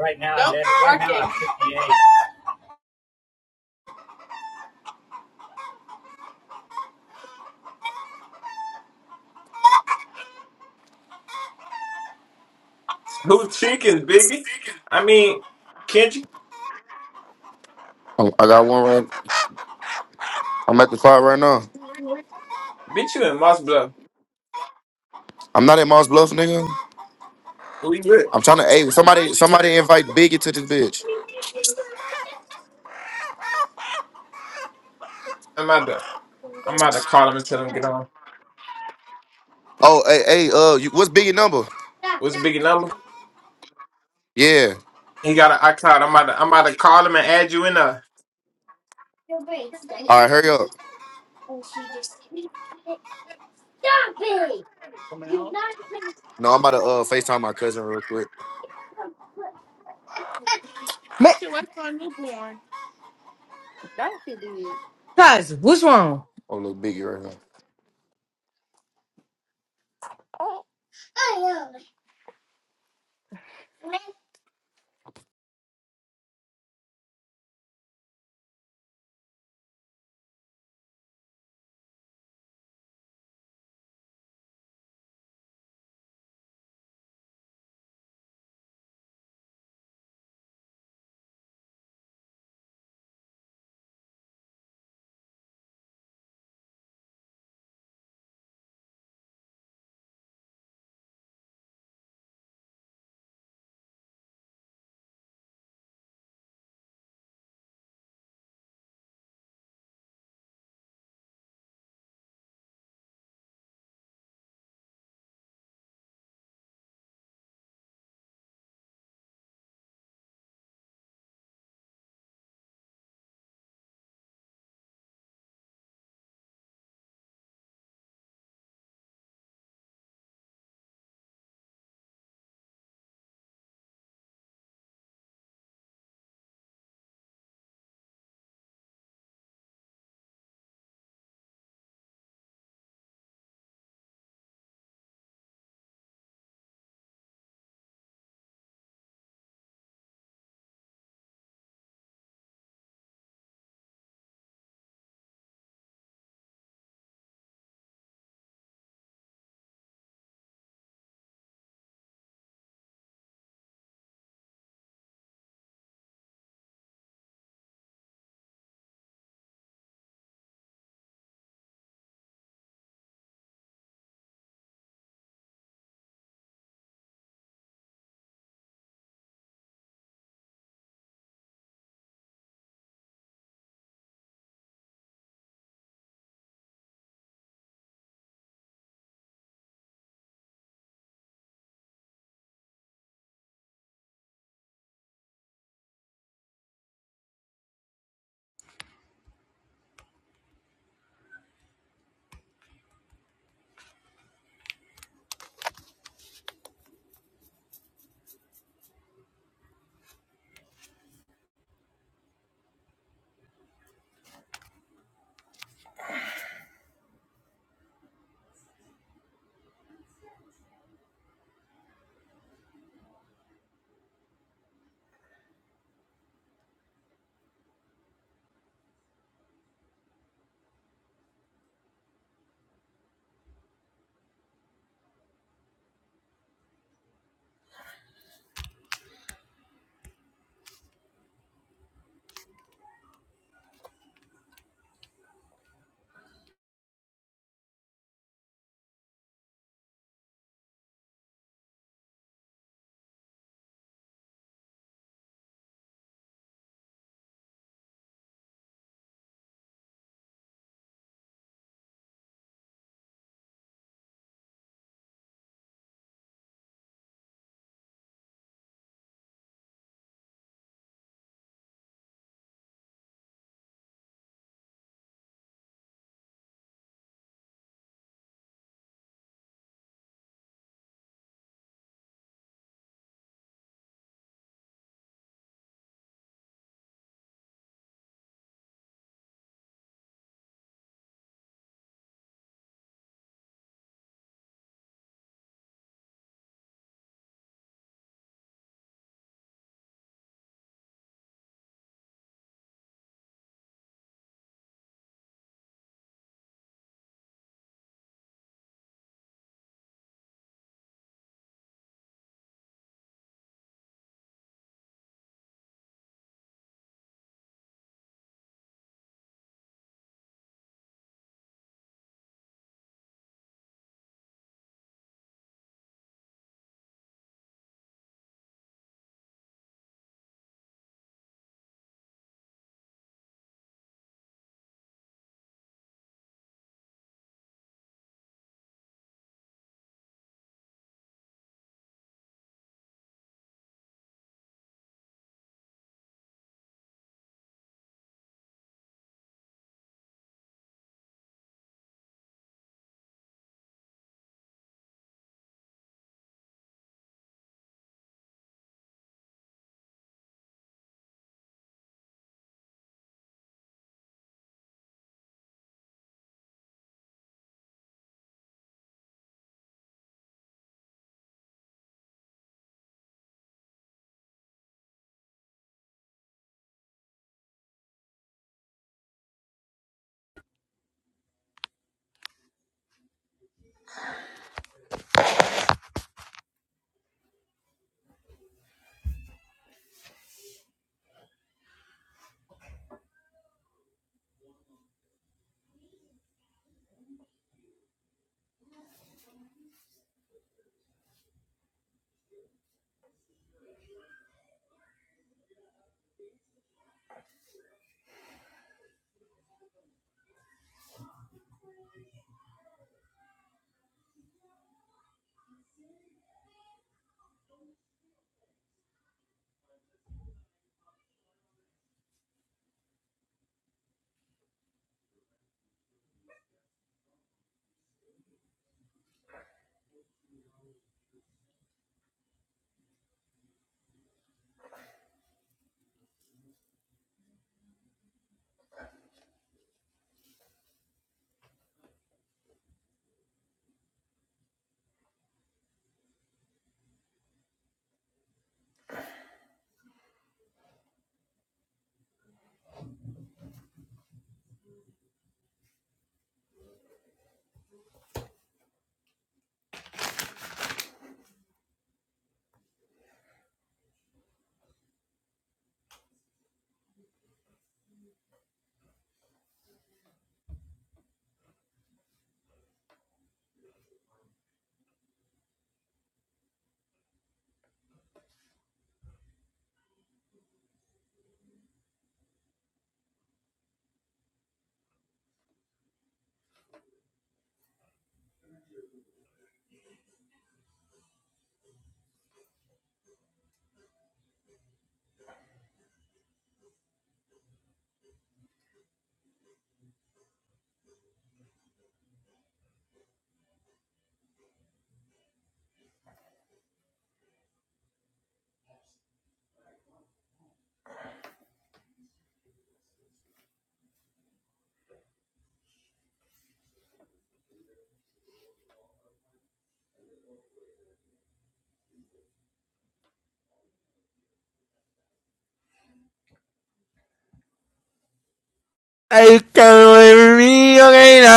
Right now, 58. Who's chickens, Biggie? I mean, Kenji, Oh, I got one right. I'm at the spot right now. Stop bitch, you in Moss Bluff. I'm not at Moss Bluff, nigga. We good. I'm trying to. Hey, somebody, somebody invite Biggie to this bitch. I'm about to, I'm about to call him and tell him to get on. Oh, hey, hey, uh, you, what's Biggie number? What's it, Biggie number? Connie. Yeah. He got an iCloud. I'm about to, I'm about to call him and add you in there. Your brain's so All big. right, hurry up. And she just eats it. Stop it! You're not even No, I'm about to uh Facetime my cousin real quick. so Ma- Cuz, what's wrong? Oh, little Biggie right now. I know. I can not believe reveal it